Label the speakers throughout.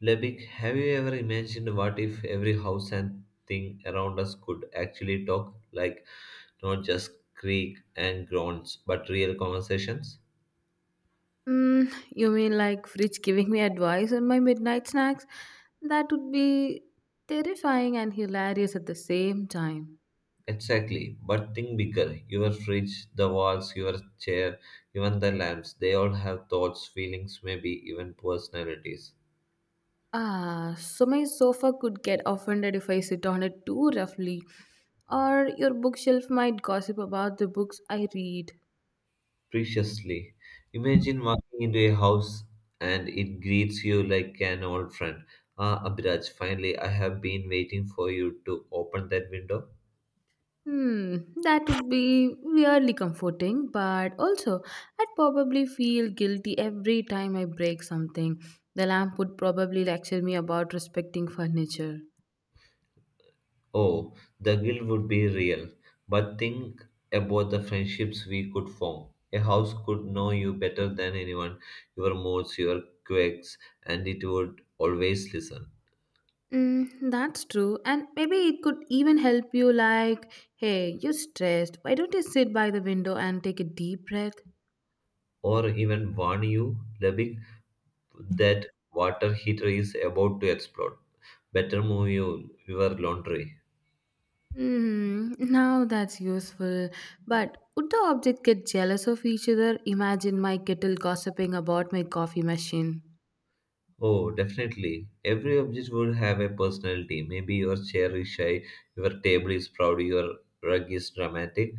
Speaker 1: Lebig, have you ever imagined what if every house and thing around us could actually talk, like not just creak and groans, but real conversations?
Speaker 2: Mm, you mean like Fridge giving me advice on my midnight snacks? That would be terrifying and hilarious at the same time.
Speaker 1: Exactly, but think bigger. Your fridge, the walls, your chair, even the lamps, they all have thoughts, feelings, maybe even personalities.
Speaker 2: Ah, so my sofa could get offended if I sit on it too roughly, or your bookshelf might gossip about the books I read.
Speaker 1: Preciously. Imagine walking into a house and it greets you like an old friend. Ah, Abhiraj, finally, I have been waiting for you to open that window.
Speaker 2: Hmm, that would be weirdly comforting, but also I'd probably feel guilty every time I break something. The lamp would probably lecture me about respecting furniture.
Speaker 1: Oh, the guilt would be real. But think about the friendships we could form. A house could know you better than anyone, your moods, your quirks, and it would always listen.
Speaker 2: Mm, that's true. And maybe it could even help you like, hey, you're stressed. Why don't you sit by the window and take a deep breath?
Speaker 1: Or even warn you, Lebig, that water heater is about to explode. Better move you, your laundry.
Speaker 2: Hmm, now that's useful. But would the object get jealous of each other? Imagine my kettle gossiping about my coffee machine.
Speaker 1: Oh, definitely. Every object would have a personality. Maybe your chair is shy, your table is proud, your rug is dramatic.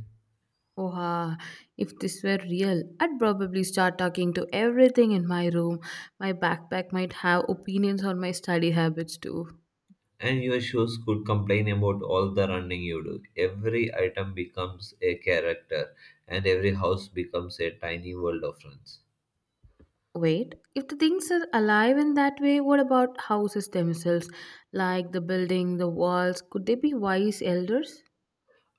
Speaker 2: Oha, if this were real, I'd probably start talking to everything in my room. My backpack might have opinions on my study habits too.
Speaker 1: And your shoes could complain about all the running you do. Every item becomes a character, and every house becomes a tiny world of friends.
Speaker 2: Wait, if the things are alive in that way, what about houses themselves? Like the building, the walls, could they be wise elders?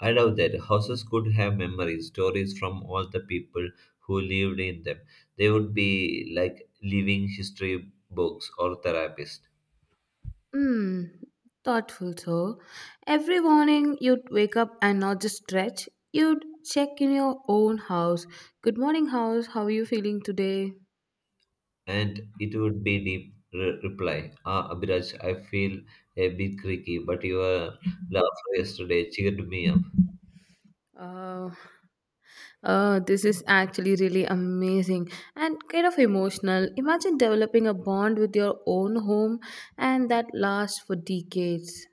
Speaker 1: I love that. Houses could have memories, stories from all the people who lived in them. They would be like living history books or therapists.
Speaker 2: Hmm, thoughtful, so. Every morning you'd wake up and not just stretch, you'd check in your own house. Good morning, house. How are you feeling today?
Speaker 1: And it would be deep reply. Ah, Abhiraj, I feel a bit creaky, but your laugh yesterday cheered me up.
Speaker 2: Oh, oh, this is actually really amazing and kind of emotional. Imagine developing a bond with your own home and that lasts for decades.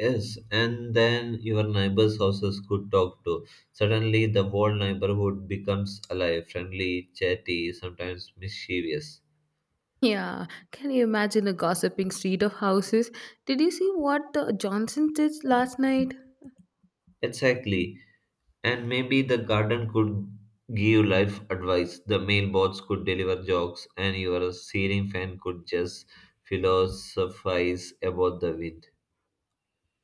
Speaker 1: Yes, and then your neighbors' houses could talk too. Suddenly, the whole neighborhood becomes alive, friendly, chatty, sometimes mischievous.
Speaker 2: Yeah, can you imagine a gossiping street of houses? Did you see what the Johnson did last night?
Speaker 1: Exactly. And maybe the garden could give life advice, the mailbots could deliver jokes, and your ceiling fan could just philosophize about the wind.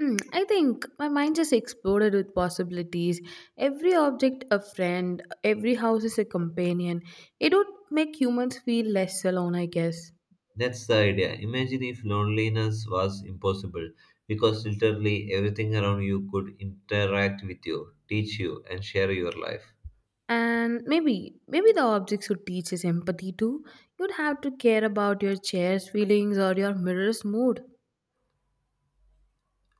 Speaker 2: Hmm, I think my mind just exploded with possibilities. Every object a friend, every house is a companion. It would make humans feel less alone, I guess.
Speaker 1: That's the idea. Imagine if loneliness was impossible, because literally everything around you could interact with you, teach you, and share your life.
Speaker 2: And maybe the objects would teach us empathy too. You'd have to care about your chair's feelings or your mirror's mood.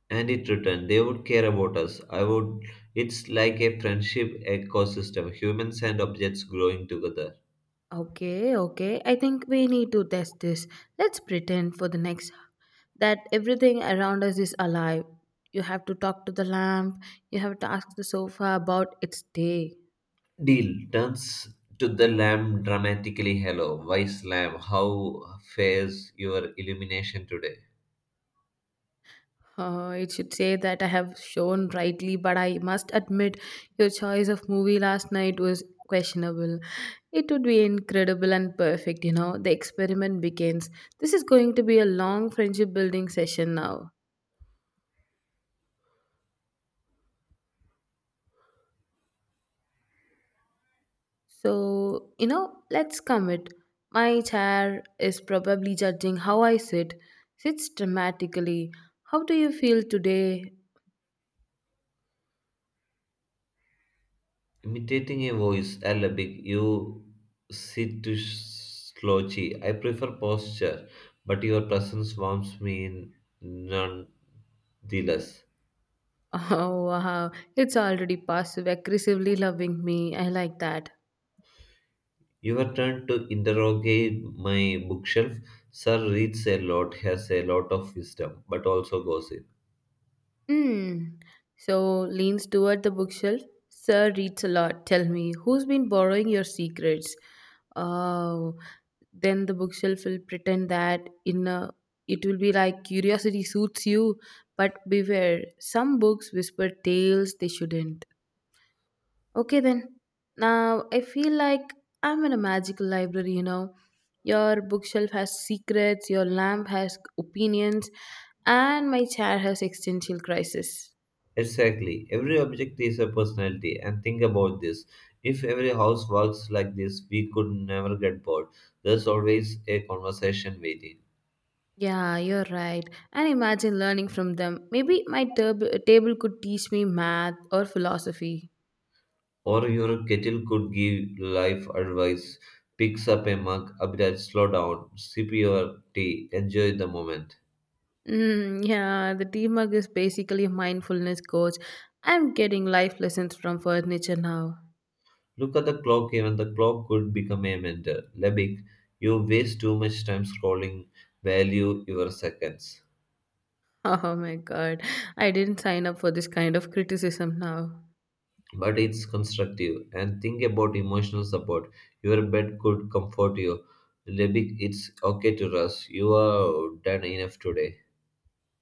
Speaker 1: And it returned, they would care about us. I would. It's like a friendship ecosystem, humans and objects growing together.
Speaker 2: Okay, okay. I think we need to test this. Let's pretend for the next that everything around us is alive. You have to talk to the lamp, you have to ask the sofa about its day.
Speaker 1: Deal turns to the lamb dramatically. Hello, wise lamb, how fares your illumination today?
Speaker 2: It should say that I have shown rightly, but I must admit your choice of movie last night was questionable. It would be incredible and perfect. The experiment begins. This is going to be a long friendship building session now. So, let's commit. My chair is probably judging how I sit. Sits dramatically. How do you feel today?
Speaker 1: Imitating a voice, Arabic, you sit to slouchy. I prefer posture, but your presence warms me in nonetheless.
Speaker 2: Oh, wow. It's already passive aggressively loving me. I like that.
Speaker 1: Your turn to interrogate my bookshelf. Sir reads a lot, has a lot of wisdom, but also gossip.
Speaker 2: Hmm. So, leans toward the bookshelf. Sir reads a lot. Tell me, who's been borrowing your secrets? Oh. Then the bookshelf will pretend that in a, it will be like, curiosity suits you, but beware, some books whisper tales they shouldn't. Okay then, now I feel like I'm in a magical library. Your bookshelf has secrets, your lamp has opinions, and my chair has existential crisis.
Speaker 1: Exactly. Every object is a personality, and think about this. If every house works like this, we could never get bored. There's always a conversation waiting.
Speaker 2: Yeah, you're right. And imagine learning from them, maybe my table could teach me math or philosophy.
Speaker 1: Or your kettle could give life advice. Picks up a mug, Abhiraj, slow down, sip your tea, enjoy the moment.
Speaker 2: Mm, yeah, the teamwork is basically a mindfulness coach. I'm getting life lessons from furniture now.
Speaker 1: Look at the clock, even the clock could become a mentor. Lebik, you waste too much time scrolling, value your seconds.
Speaker 2: Oh my god, I didn't sign up for this kind of criticism now.
Speaker 1: But it's constructive and think about emotional support. Your bed could comfort you. Lebik, it's okay to rest. You are done enough today.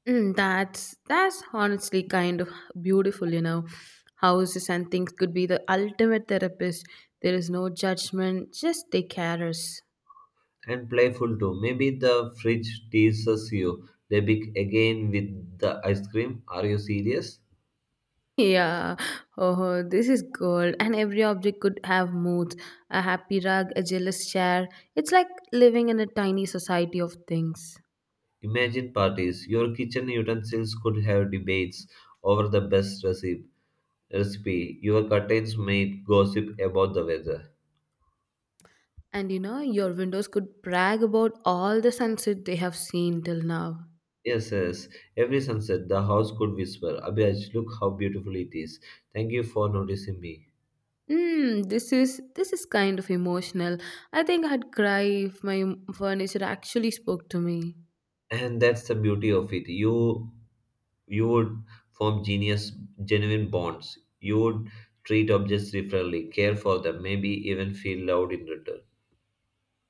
Speaker 2: Mm, that's honestly kind of beautiful. Houses and things could be the ultimate therapist. There is no judgment, just take care.
Speaker 1: And playful too. Maybe the fridge teases you. They big again with the ice cream. Are you serious?
Speaker 2: Yeah, oh, this is gold. And every object could have moods, a happy rug, a jealous chair. It's like living in a tiny society of things.
Speaker 1: Imagine parties. Your kitchen utensils could have debates over the best recipe. Recipe. Your curtains might gossip about the weather.
Speaker 2: And your windows could brag about all the sunset they have seen till now.
Speaker 1: Yes, yes. Every sunset, the house could whisper, Abhiraj, look how beautiful it is. Thank you for noticing me.
Speaker 2: Mm, this is kind of emotional. I think I'd cry if my furniture actually spoke to me.
Speaker 1: And that's the beauty of it. You would form genius genuine bonds. You would treat objects differently, care for them, maybe even feel loved in return.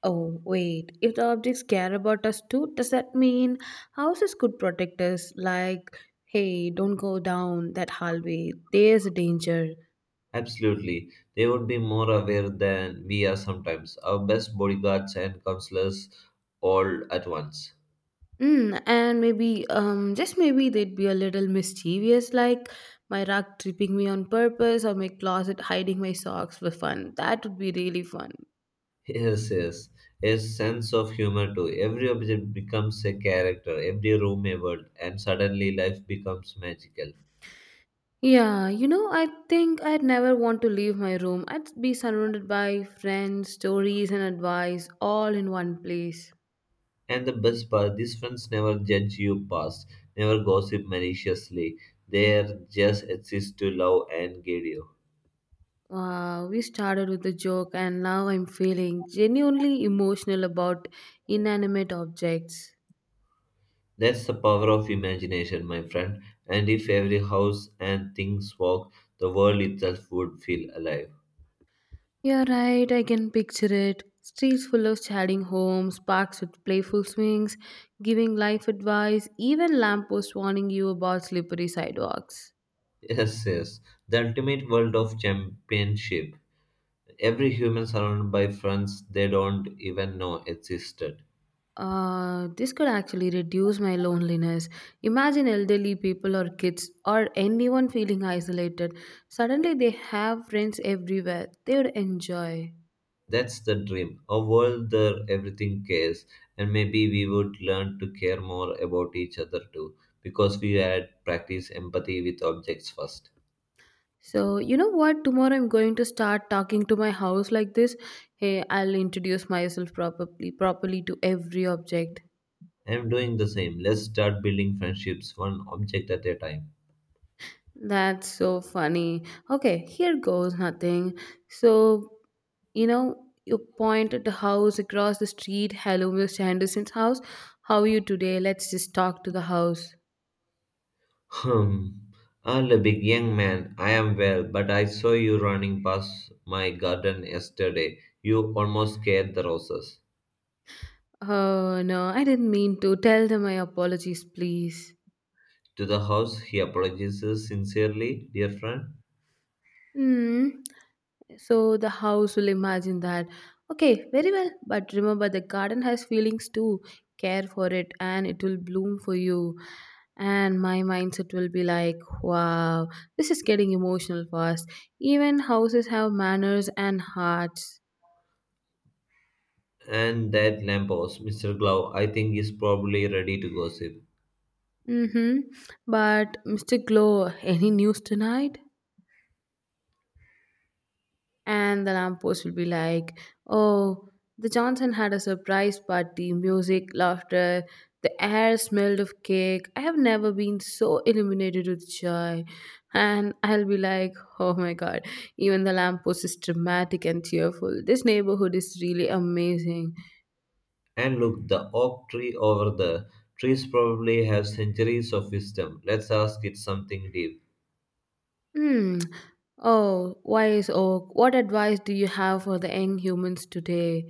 Speaker 2: Oh, wait. If the objects care about us too, does that mean houses could protect us? Like, hey, don't go down that hallway. There's a danger.
Speaker 1: Absolutely. They would be more aware than we are sometimes. Our best bodyguards and counselors all at once.
Speaker 2: Mm, and maybe, just maybe they'd be a little mischievous, like my rug tripping me on purpose or my closet hiding my socks for fun. That would be really fun.
Speaker 1: Yes, yes. A sense of humor too. Every object becomes a character, every room a world, and suddenly life becomes magical.
Speaker 2: Yeah, I think I'd never want to leave my room. I'd be surrounded by friends, stories, and advice all in one place.
Speaker 1: And the best part, these friends never judge you past, never gossip maliciously. They just exist to love and guide you.
Speaker 2: Wow, we started with a joke and now I'm feeling genuinely emotional about inanimate objects.
Speaker 1: That's the power of imagination, my friend. And if every house and things walk, the world itself would feel alive.
Speaker 2: You're right, I can picture it. Streets full of chatting homes, parks with playful swings, giving life advice, even lampposts warning you about slippery sidewalks.
Speaker 1: Yes, yes. The ultimate world of championship. Every human surrounded by friends they don't even know existed.
Speaker 2: This could actually reduce my loneliness. Imagine elderly people or kids or anyone feeling isolated. Suddenly they have friends everywhere. They would enjoy.
Speaker 1: That's the dream. A world where everything cares, and maybe we would learn to care more about each other too, because we had practiced empathy with objects first.
Speaker 2: So, you know what? Tomorrow I'm going to start talking to my house like this. Hey, I'll introduce myself properly to every object.
Speaker 1: I am doing the same. Let's start building friendships one object at a time.
Speaker 2: That's so funny. Okay, here goes nothing. So, you know, you point at the house across the street. Hello, Mr. Henderson's house. How are you today? Let's just talk to the house.
Speaker 1: Hmm. Well, big young man, I am well, but I saw you running past my garden yesterday. You almost scared the roses.
Speaker 2: Oh no, I didn't mean to. Tell them my apologies, please.
Speaker 1: To the house, he apologizes sincerely, dear friend.
Speaker 2: Hmm. So the house will imagine that. Okay, very well, but remember the garden has feelings too. Care for it and it will bloom for you. And my mindset will be like, wow, this is getting emotional fast. Even houses have manners and hearts.
Speaker 1: And that lamppost, Mr. Glove, I think is probably ready to gossip.
Speaker 2: Mm-hmm. But Mr. Glow, any news tonight? And the lamppost will be like, "Oh, the Johnson had a surprise party, music, laughter, the air smelled of cake. I have never been so illuminated with joy." And I'll be like, "Oh my god, even the lamppost is dramatic and cheerful. This neighborhood is really amazing."
Speaker 1: And look, the oak tree over there. Trees probably have centuries of wisdom. Let's ask it something deep.
Speaker 2: Hmm, oh, wise oak, what advice do you have for the young humans today?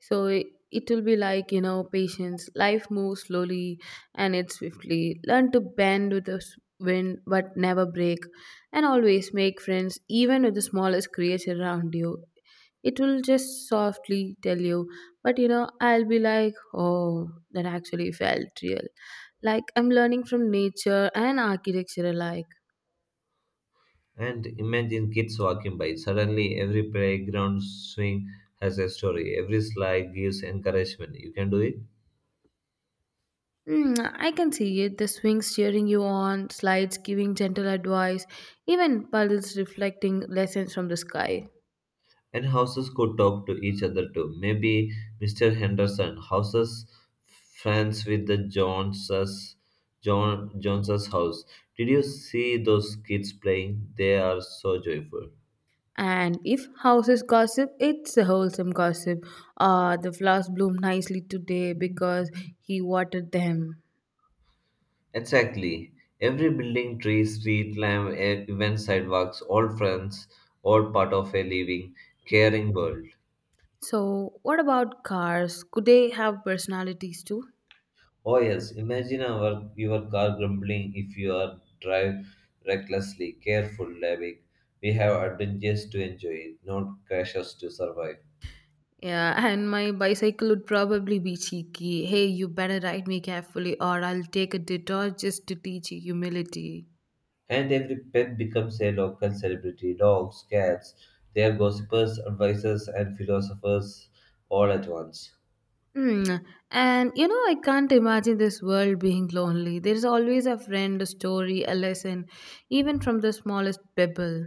Speaker 2: So it will be like, patience. Life moves slowly and it swiftly. Learn to bend with the wind but never break. And always make friends, even with the smallest creature around you. It will just softly tell you. But, I'll be like, oh, that actually felt real. Like I'm learning from nature and architecture alike.
Speaker 1: And imagine kids walking by. Suddenly, every playground swing has a story. Every slide gives encouragement. You can do it.
Speaker 2: Mm, I can see it. The swings cheering you on, slides giving gentle advice, even puddles reflecting lessons from the sky.
Speaker 1: And houses could talk to each other too. Maybe Mr. Henderson houses friends with the Joneses, Joneses house. Did you see those kids playing? They are so joyful.
Speaker 2: And if houses gossip, it's a wholesome gossip. Ah, the flowers bloom nicely today because he watered them.
Speaker 1: Exactly. Every building, tree, street lamp, even sidewalks, all friends, all part of a living, caring world.
Speaker 2: So, what about cars? Could they have personalities too?
Speaker 1: Oh yes, imagine your car grumbling if you are drive recklessly, careful, Lavik. We have adventures to enjoy, not crashes to survive.
Speaker 2: Yeah, and my bicycle would probably be cheeky. Hey, you better ride me carefully, or I'll take a detour just to teach you humility.
Speaker 1: And every pet becomes a local celebrity. Dogs, cats, they are gossipers, advisors, and philosophers all at once.
Speaker 2: Hmm, and I can't imagine this world being lonely. There's always a friend, a story, a lesson, even from the smallest pebble.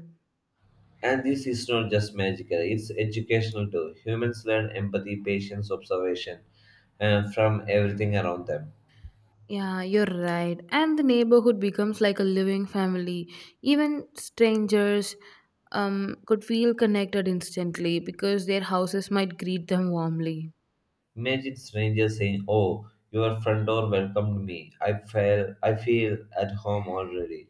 Speaker 1: And this is not just magical, it's educational too. Humans learn empathy, patience, observation from everything around them.
Speaker 2: Yeah, you're right. And the neighborhood becomes like a living family. Even strangers could feel connected instantly because their houses might greet them warmly.
Speaker 1: Imagine strangers saying, "Oh, your front door welcomed me. I feel at home already."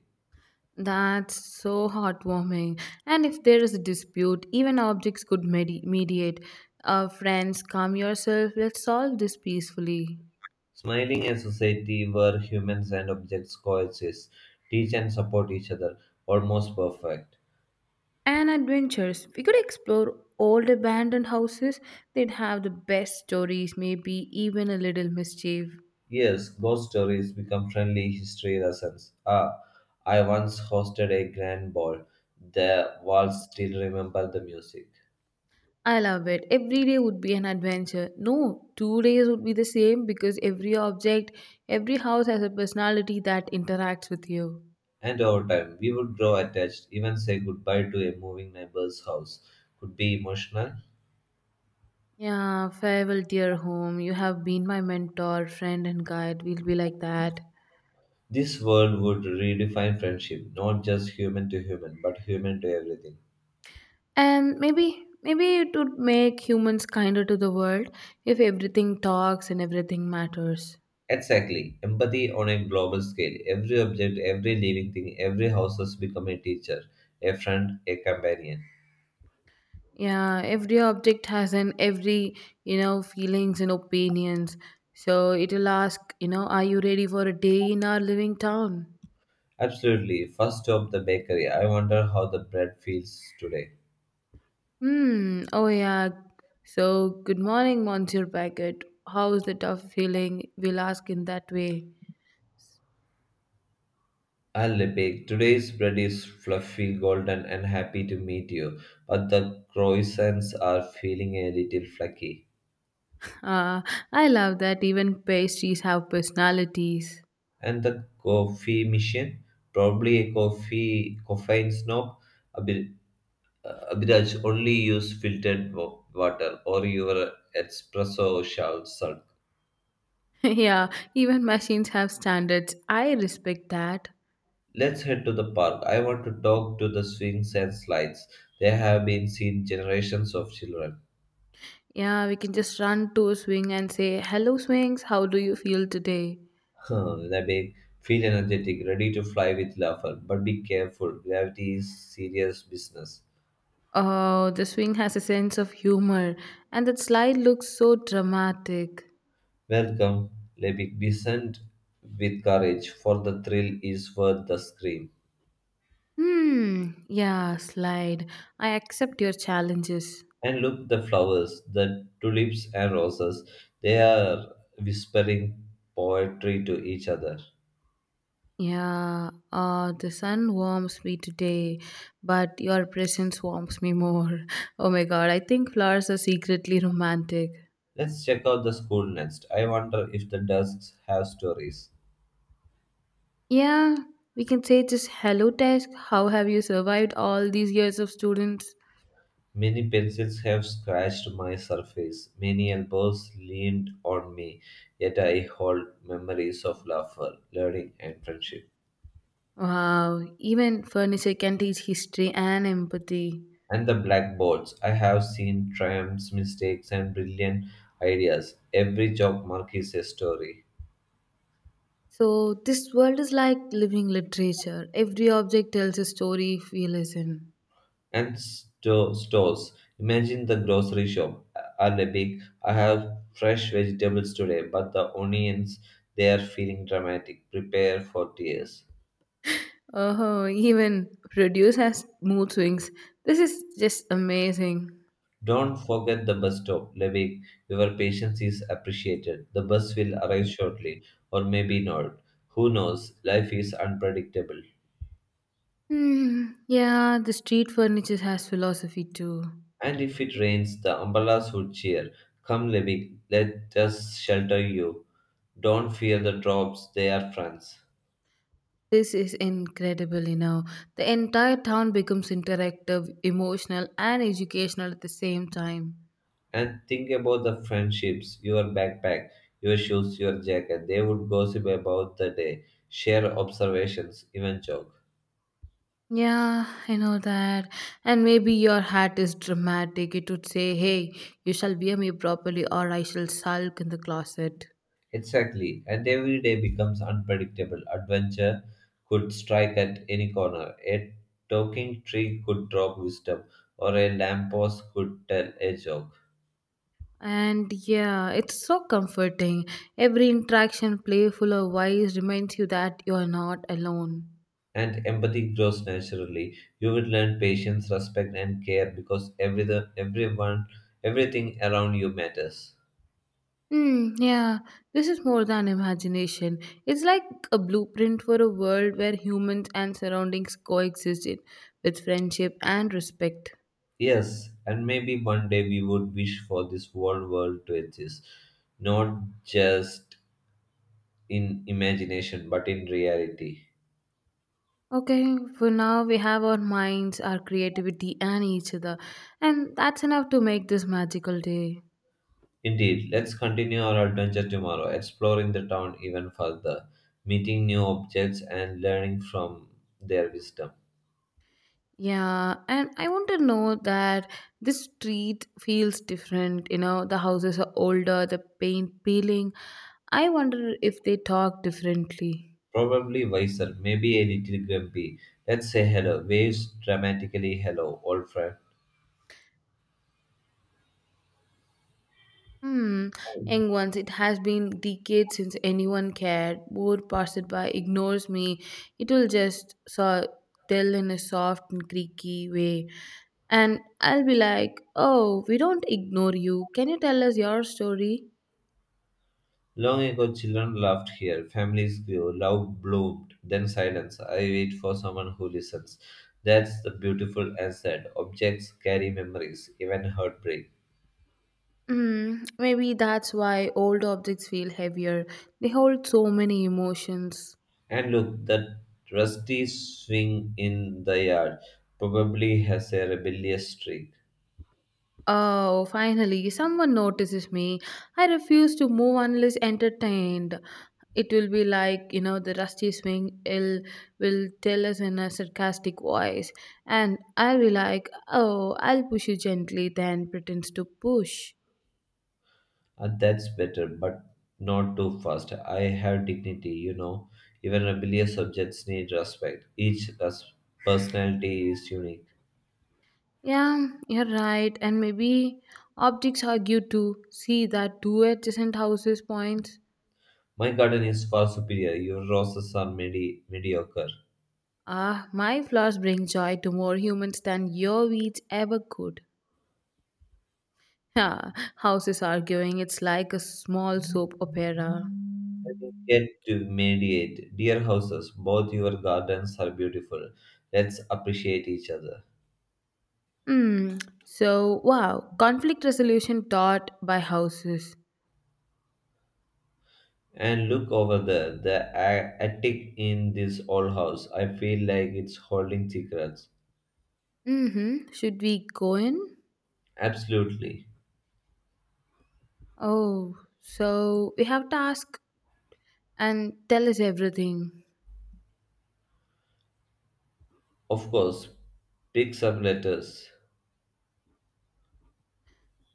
Speaker 2: That's so heartwarming. And if there is a dispute, even objects could mediate. Friends, calm yourself. Let's solve this peacefully.
Speaker 1: Smiling a society where humans and objects coexist, teach and support each other, almost perfect.
Speaker 2: And adventures. We could explore old abandoned houses. They'd have the best stories, maybe even a little mischief.
Speaker 1: Yes, ghost stories become friendly history lessons. Ah, I once hosted a grand ball. The walls still remember the music.
Speaker 2: I love it. Every day would be an adventure. No, 2 days would be the same because every object, every house has a personality that interacts with you.
Speaker 1: And over time, we would grow attached, even say goodbye to a moving neighbor's house. Could be emotional.
Speaker 2: Yeah, farewell, dear home. You have been my mentor, friend, and guide. We'll be like that.
Speaker 1: This world would redefine friendship, not just human to human, but human to everything.
Speaker 2: And maybe it would make humans kinder to the world if everything talks and everything matters.
Speaker 1: Exactly. Empathy on a global scale. Every object, every living thing, every house has become a teacher, a friend, a companion.
Speaker 2: Yeah, every object has an every, feelings and opinions. So it'll ask, are you ready for a day in our living town?
Speaker 1: Absolutely. First stop the bakery. I wonder how the bread feels today.
Speaker 2: Hmm, oh yeah. So good morning, Monsieur Packet. How's the tough feeling? We'll ask in that way.
Speaker 1: I'll bake. Today's bread is fluffy, golden, and happy to meet you, but the croissants are feeling a little flaky.
Speaker 2: Ah, I love that even pastries have personalities.
Speaker 1: And the coffee machine, probably a coffee caffeine snob, a bit, a only use filtered water or your espresso shall suck.
Speaker 2: Yeah, even machines have standards. I respect that.
Speaker 1: Let's head to the park. I want to talk to the swings and slides. They have been seen generations of children.
Speaker 2: Yeah, we can just run to a swing and say, hello, swings, how do you feel today?
Speaker 1: Huh, Nabig, feel energetic, ready to fly with laughter, but be careful. Gravity is serious business.
Speaker 2: Oh, the swing has a sense of humor, and that slide looks so dramatic.
Speaker 1: Welcome, Lebig descend with courage, for the thrill is worth the scream.
Speaker 2: Hmm, yeah, slide. I accept your challenges.
Speaker 1: And look the flowers, the tulips and roses, they are whispering poetry to each other.
Speaker 2: Yeah, the sun warms me today, but your presence warms me more. Oh my god, I think flowers are secretly romantic.
Speaker 1: Let's check out the school next. I wonder if the desks have stories.
Speaker 2: Yeah, we can say just hello, desk. How have you survived all these years of students?
Speaker 1: Many pencils have scratched my surface, many elbows leaned on me, yet I hold memories of laughter, learning, and friendship.
Speaker 2: Wow, even furniture can teach history and empathy.
Speaker 1: And the blackboards. I have seen triumphs, mistakes, and brilliant ideas. Every chalk mark is a story.
Speaker 2: So this world is like living literature. Every object tells a story if we listen.
Speaker 1: And stores. Imagine the grocery shop. Are they big? I have fresh vegetables today, but the onions they are feeling dramatic. Prepare for tears.
Speaker 2: Oh, even produce has mood swings. This is just amazing.
Speaker 1: Don't forget the bus stop, Levik. Your patience is appreciated. The bus will arrive shortly, or maybe not. Who knows? Life is unpredictable.
Speaker 2: Hmm. Yeah, the street furniture has philosophy too.
Speaker 1: And if it rains, the umbrellas would cheer. Come, Levi, let us shelter you. Don't fear the drops, they are friends.
Speaker 2: This is incredible. The entire town becomes interactive, emotional, and educational at the same time.
Speaker 1: And think about the friendships, your backpack, your shoes, your jacket. They would gossip about the day, share observations, even joke.
Speaker 2: Yeah, I know that. And maybe your hat is dramatic. It would say, hey, you shall wear me properly, or I shall sulk in the closet.
Speaker 1: Exactly, and every day becomes unpredictable. Adventure could strike at any corner. A talking tree could drop wisdom, or a lamppost could tell a joke.
Speaker 2: And yeah, it's so comforting. Every interaction, playful or wise, reminds you that you are not alone.
Speaker 1: And empathy grows naturally. You will learn patience, respect, and care because everyone, everything around you matters.
Speaker 2: Hmm, yeah, this is more than imagination. It's like a blueprint for a world where humans and surroundings coexist in, with friendship and respect.
Speaker 1: Yes, and maybe one day we would wish for this whole world to exist, not just in imagination but in reality.
Speaker 2: Okay, for now we have our minds, our creativity, and each other. And that's enough to make this magical day.
Speaker 1: Indeed, let's continue our adventure tomorrow, exploring the town even further, meeting new objects, and learning from their wisdom.
Speaker 2: Yeah, and I want to know that this street feels different. You know, the houses are older, the paint peeling. I wonder if they talk differently.
Speaker 1: Probably wiser, maybe a little grumpy. Let's say hello. Waves dramatically hello, old friend.
Speaker 2: Hmm, young ones, it has been decades since anyone cared. Bored passes by, ignores me. It will just so, tell in a soft and creaky way. And I'll be like, oh, we don't ignore you. Can you tell us your story?
Speaker 1: Long ago, children laughed here, families grew, love bloomed, then silence. I wait for someone who listens. That's the beautiful and sad. Objects carry memories, even heartbreak.
Speaker 2: Maybe that's why old objects feel heavier. They hold so many emotions.
Speaker 1: And look, that rusty swing in the yard probably has a rebellious streak.
Speaker 2: Oh, finally, someone notices me. I refuse to move unless entertained. It will be like, you know, the rusty swing ill will tell us in a sarcastic voice. And I'll be like, oh, I'll push you gently, then pretends to push.
Speaker 1: That's better, but not too fast. I have dignity, you know. Even rebellious subjects need respect. Each personality is unique.
Speaker 2: Yeah, you're right. And maybe optics argue too. See that two adjacent houses points.
Speaker 1: My garden is far superior. Your roses are mediocre.
Speaker 2: Ah, my flowers bring joy to more humans than your weeds ever could. Ha, houses arguing, it's like a small soap opera.
Speaker 1: Let me get to mediate. Dear houses, both your gardens are beautiful. Let's appreciate each other.
Speaker 2: Hmm. So, wow, conflict resolution taught by houses.
Speaker 1: And look over there, the attic in this old house. I feel like it's holding secrets.
Speaker 2: Mm-hmm. Should we go in?
Speaker 1: Absolutely.
Speaker 2: Oh, so we have task and tell us everything.
Speaker 1: Of course, pick up letters.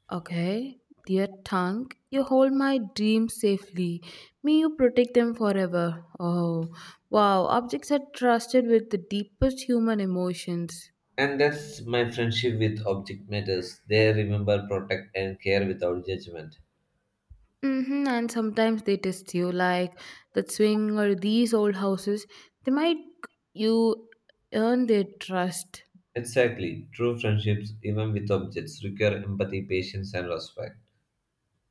Speaker 2: Okay, dear tongue, you hold my dreams safely. May you protect them forever. Oh, wow, objects are trusted with the deepest human emotions.
Speaker 1: And that's my friendship with object matters. They remember, protect, and care without judgment.
Speaker 2: Mm-hmm, and sometimes they test you, like that swing or these old houses. They might you earn their trust.
Speaker 1: Exactly. True friendships, even with objects, require empathy, patience, and respect.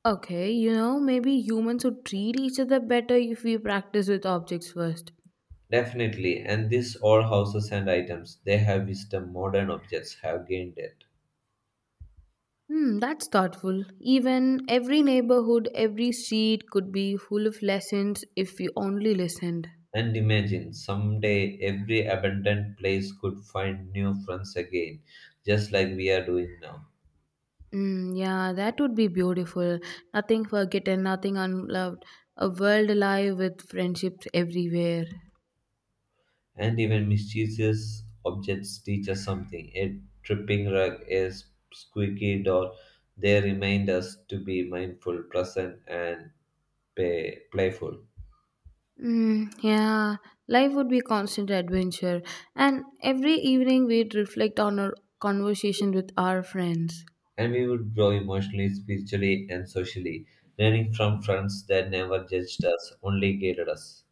Speaker 2: Okay, you know, maybe humans would treat each other better if we practice with objects first.
Speaker 1: Definitely. And these all houses and items, they have wisdom modern objects have gained it.
Speaker 2: That's thoughtful. Even every neighborhood, every street could be full of lessons if we only listened.
Speaker 1: And imagine someday every abandoned place could find new friends again, just like we are doing now.
Speaker 2: Mm, yeah, that would be beautiful. Nothing forgotten, nothing unloved. A world alive with friendships everywhere.
Speaker 1: And even mischievous objects teach us something. A tripping rug, a squeaky door, they remind us to be mindful, present, and playful.
Speaker 2: Mm, yeah, life would be constant adventure. And every evening we'd reflect on our conversation with our friends.
Speaker 1: And we would grow emotionally, spiritually, and socially, learning from friends that never judged us, only guided us.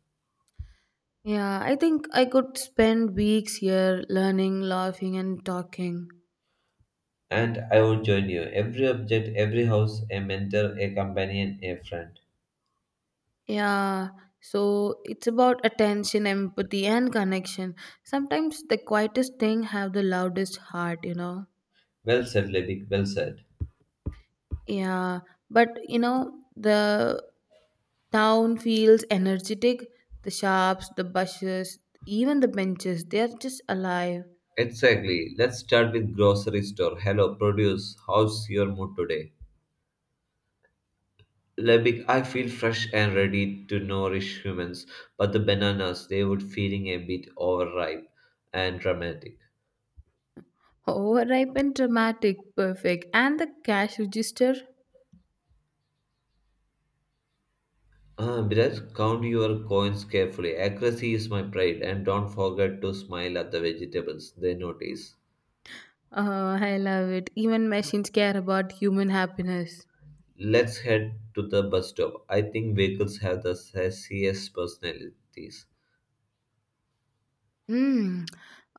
Speaker 2: Yeah, I think I could spend weeks here learning, laughing, and talking.
Speaker 1: And I would join you. Every object, every house, a mentor, a companion, a friend.
Speaker 2: Yeah, so it's about attention, empathy, and connection. Sometimes the quietest thing have the loudest heart, you know.
Speaker 1: Well said, Lebig, well said.
Speaker 2: Yeah, but you know, the town feels energetic. The shops, the buses, even the benches, they are just alive.
Speaker 1: Exactly. Let's start with grocery store. Hello, produce. How's your mood today? Lebig, I feel fresh and ready to nourish humans, but the bananas, they were feeling a bit overripe and dramatic.
Speaker 2: Overripe and dramatic, perfect. And the cash register,
Speaker 1: Ah, Biraj, count your coins carefully. Accuracy is my pride, and don't forget to smile at the vegetables. They notice.
Speaker 2: oh, I love it. Even machines care about human happiness.
Speaker 1: Let's head to the bus stop. I think vehicles have the sassiest personalities.
Speaker 2: Hmm.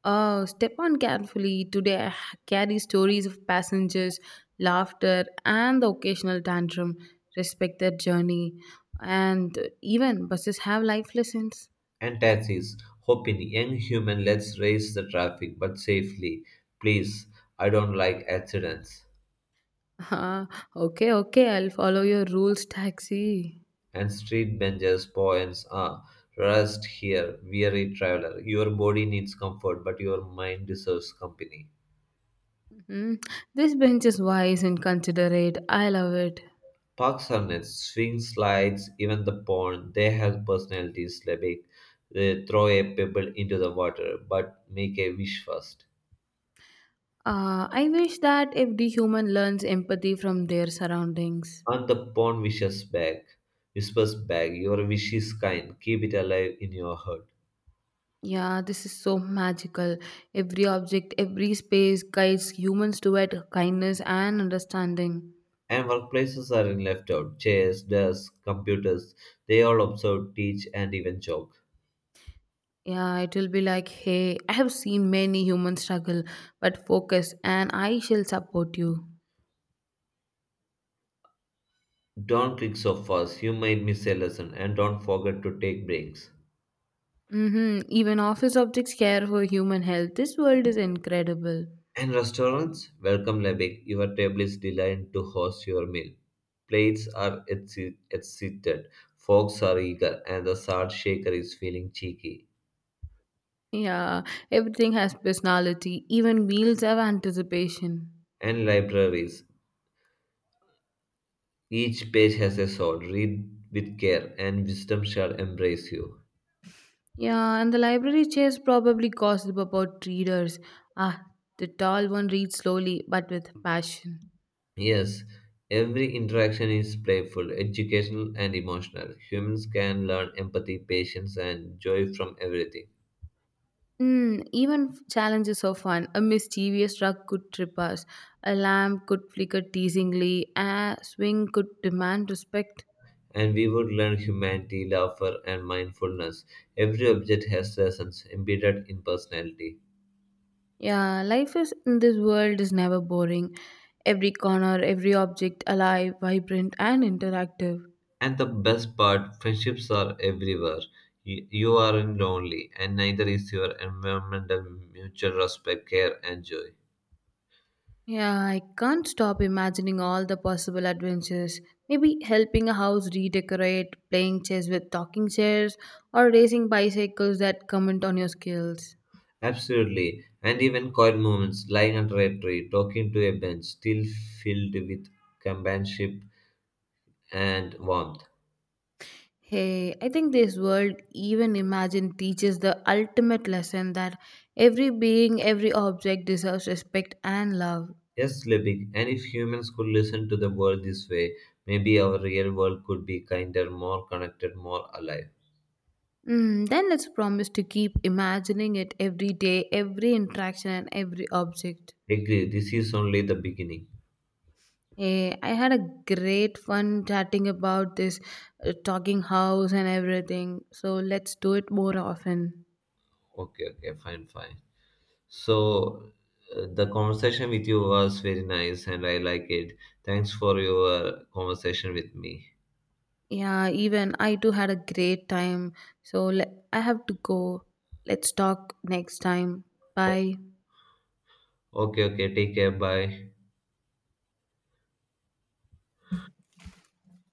Speaker 2: Step on carefully. Today I carry stories of passengers, laughter, and the occasional tantrum. Respect their journey. And even buses have life lessons.
Speaker 1: And taxis, hoping young human let's raise the traffic but safely. Please, I don't like accidents.
Speaker 2: Ah, okay, okay, I'll follow your rules, taxi.
Speaker 1: And street benches, poems, ah, rest here, weary traveler. Your body needs comfort, but your mind deserves company.
Speaker 2: Mhm. This bench is wise and considerate. I love it.
Speaker 1: Parks are nets, swing slides, even the pond, they have personalities. Lebek, they throw a pebble into the water, but make a wish first.
Speaker 2: I wish that every human learns empathy from their surroundings.
Speaker 1: And the pawn wishes back, whispers back, your wish is kind, keep it alive in your heart.
Speaker 2: Yeah, this is so magical. Every object, every space guides humans toward kindness and understanding.
Speaker 1: And workplaces are in left out. Chairs, desks, computers, they all observe, teach, and even joke.
Speaker 2: Yeah, it will be like, hey, I have seen many humans struggle, but focus and I shall support you.
Speaker 1: Don't click so fast, you might miss a lesson, and don't forget to take breaks.
Speaker 2: Mm-hmm. Even office objects care for human health. This world is incredible.
Speaker 1: And restaurants, welcome Lebek, your table is designed to host your meal. Plates are excited, forks are eager, and the salt shaker is feeling cheeky.
Speaker 2: Yeah, everything has personality, even meals have anticipation.
Speaker 1: And libraries, each page has a soul. Read with care, and wisdom shall embrace you.
Speaker 2: Yeah, and the library chairs probably gossip about readers. Ah, the tall one reads slowly but with passion.
Speaker 1: Yes, every interaction is playful, educational, and emotional. Humans can learn empathy, patience, and joy from everything.
Speaker 2: Mm, even challenges are fun. A mischievous rug could trip us, a lamp could flicker teasingly, a swing could demand respect.
Speaker 1: And we would learn humanity, laughter, and mindfulness. Every object has lessons embedded in personality.
Speaker 2: Yeah, life is in this world is never boring. Every corner, every object alive, vibrant, and interactive.
Speaker 1: And the best part, friendships are everywhere. You aren't lonely, and neither is your environmental mutual respect, care, and joy.
Speaker 2: Yeah, I can't stop imagining all the possible adventures. Maybe helping a house redecorate, playing chess with talking chairs, or racing bicycles that comment on your skills.
Speaker 1: Absolutely. And even quiet moments, lying under a tree, talking to a bench, still filled with companionship and warmth.
Speaker 2: Hey, I think this world, even imagined, teaches the ultimate lesson that every being, every object deserves respect and love.
Speaker 1: Yes, Lebig, and if humans could listen to the world this way, maybe our real world could be kinder, more connected, more alive.
Speaker 2: Mm, then let's promise to keep imagining it every day, every interaction, and every object.
Speaker 1: Agree, this is only the beginning.
Speaker 2: Hey, I had a great fun chatting about this talking house and everything. So let's do it more often.
Speaker 1: Okay, okay, fine, fine. So, the conversation with you was very nice and I like it. Thanks for your conversation with me.
Speaker 2: Yeah, even I too had a great time. So I have to go. Let's talk next time. Bye.
Speaker 1: Okay, okay, take care, bye.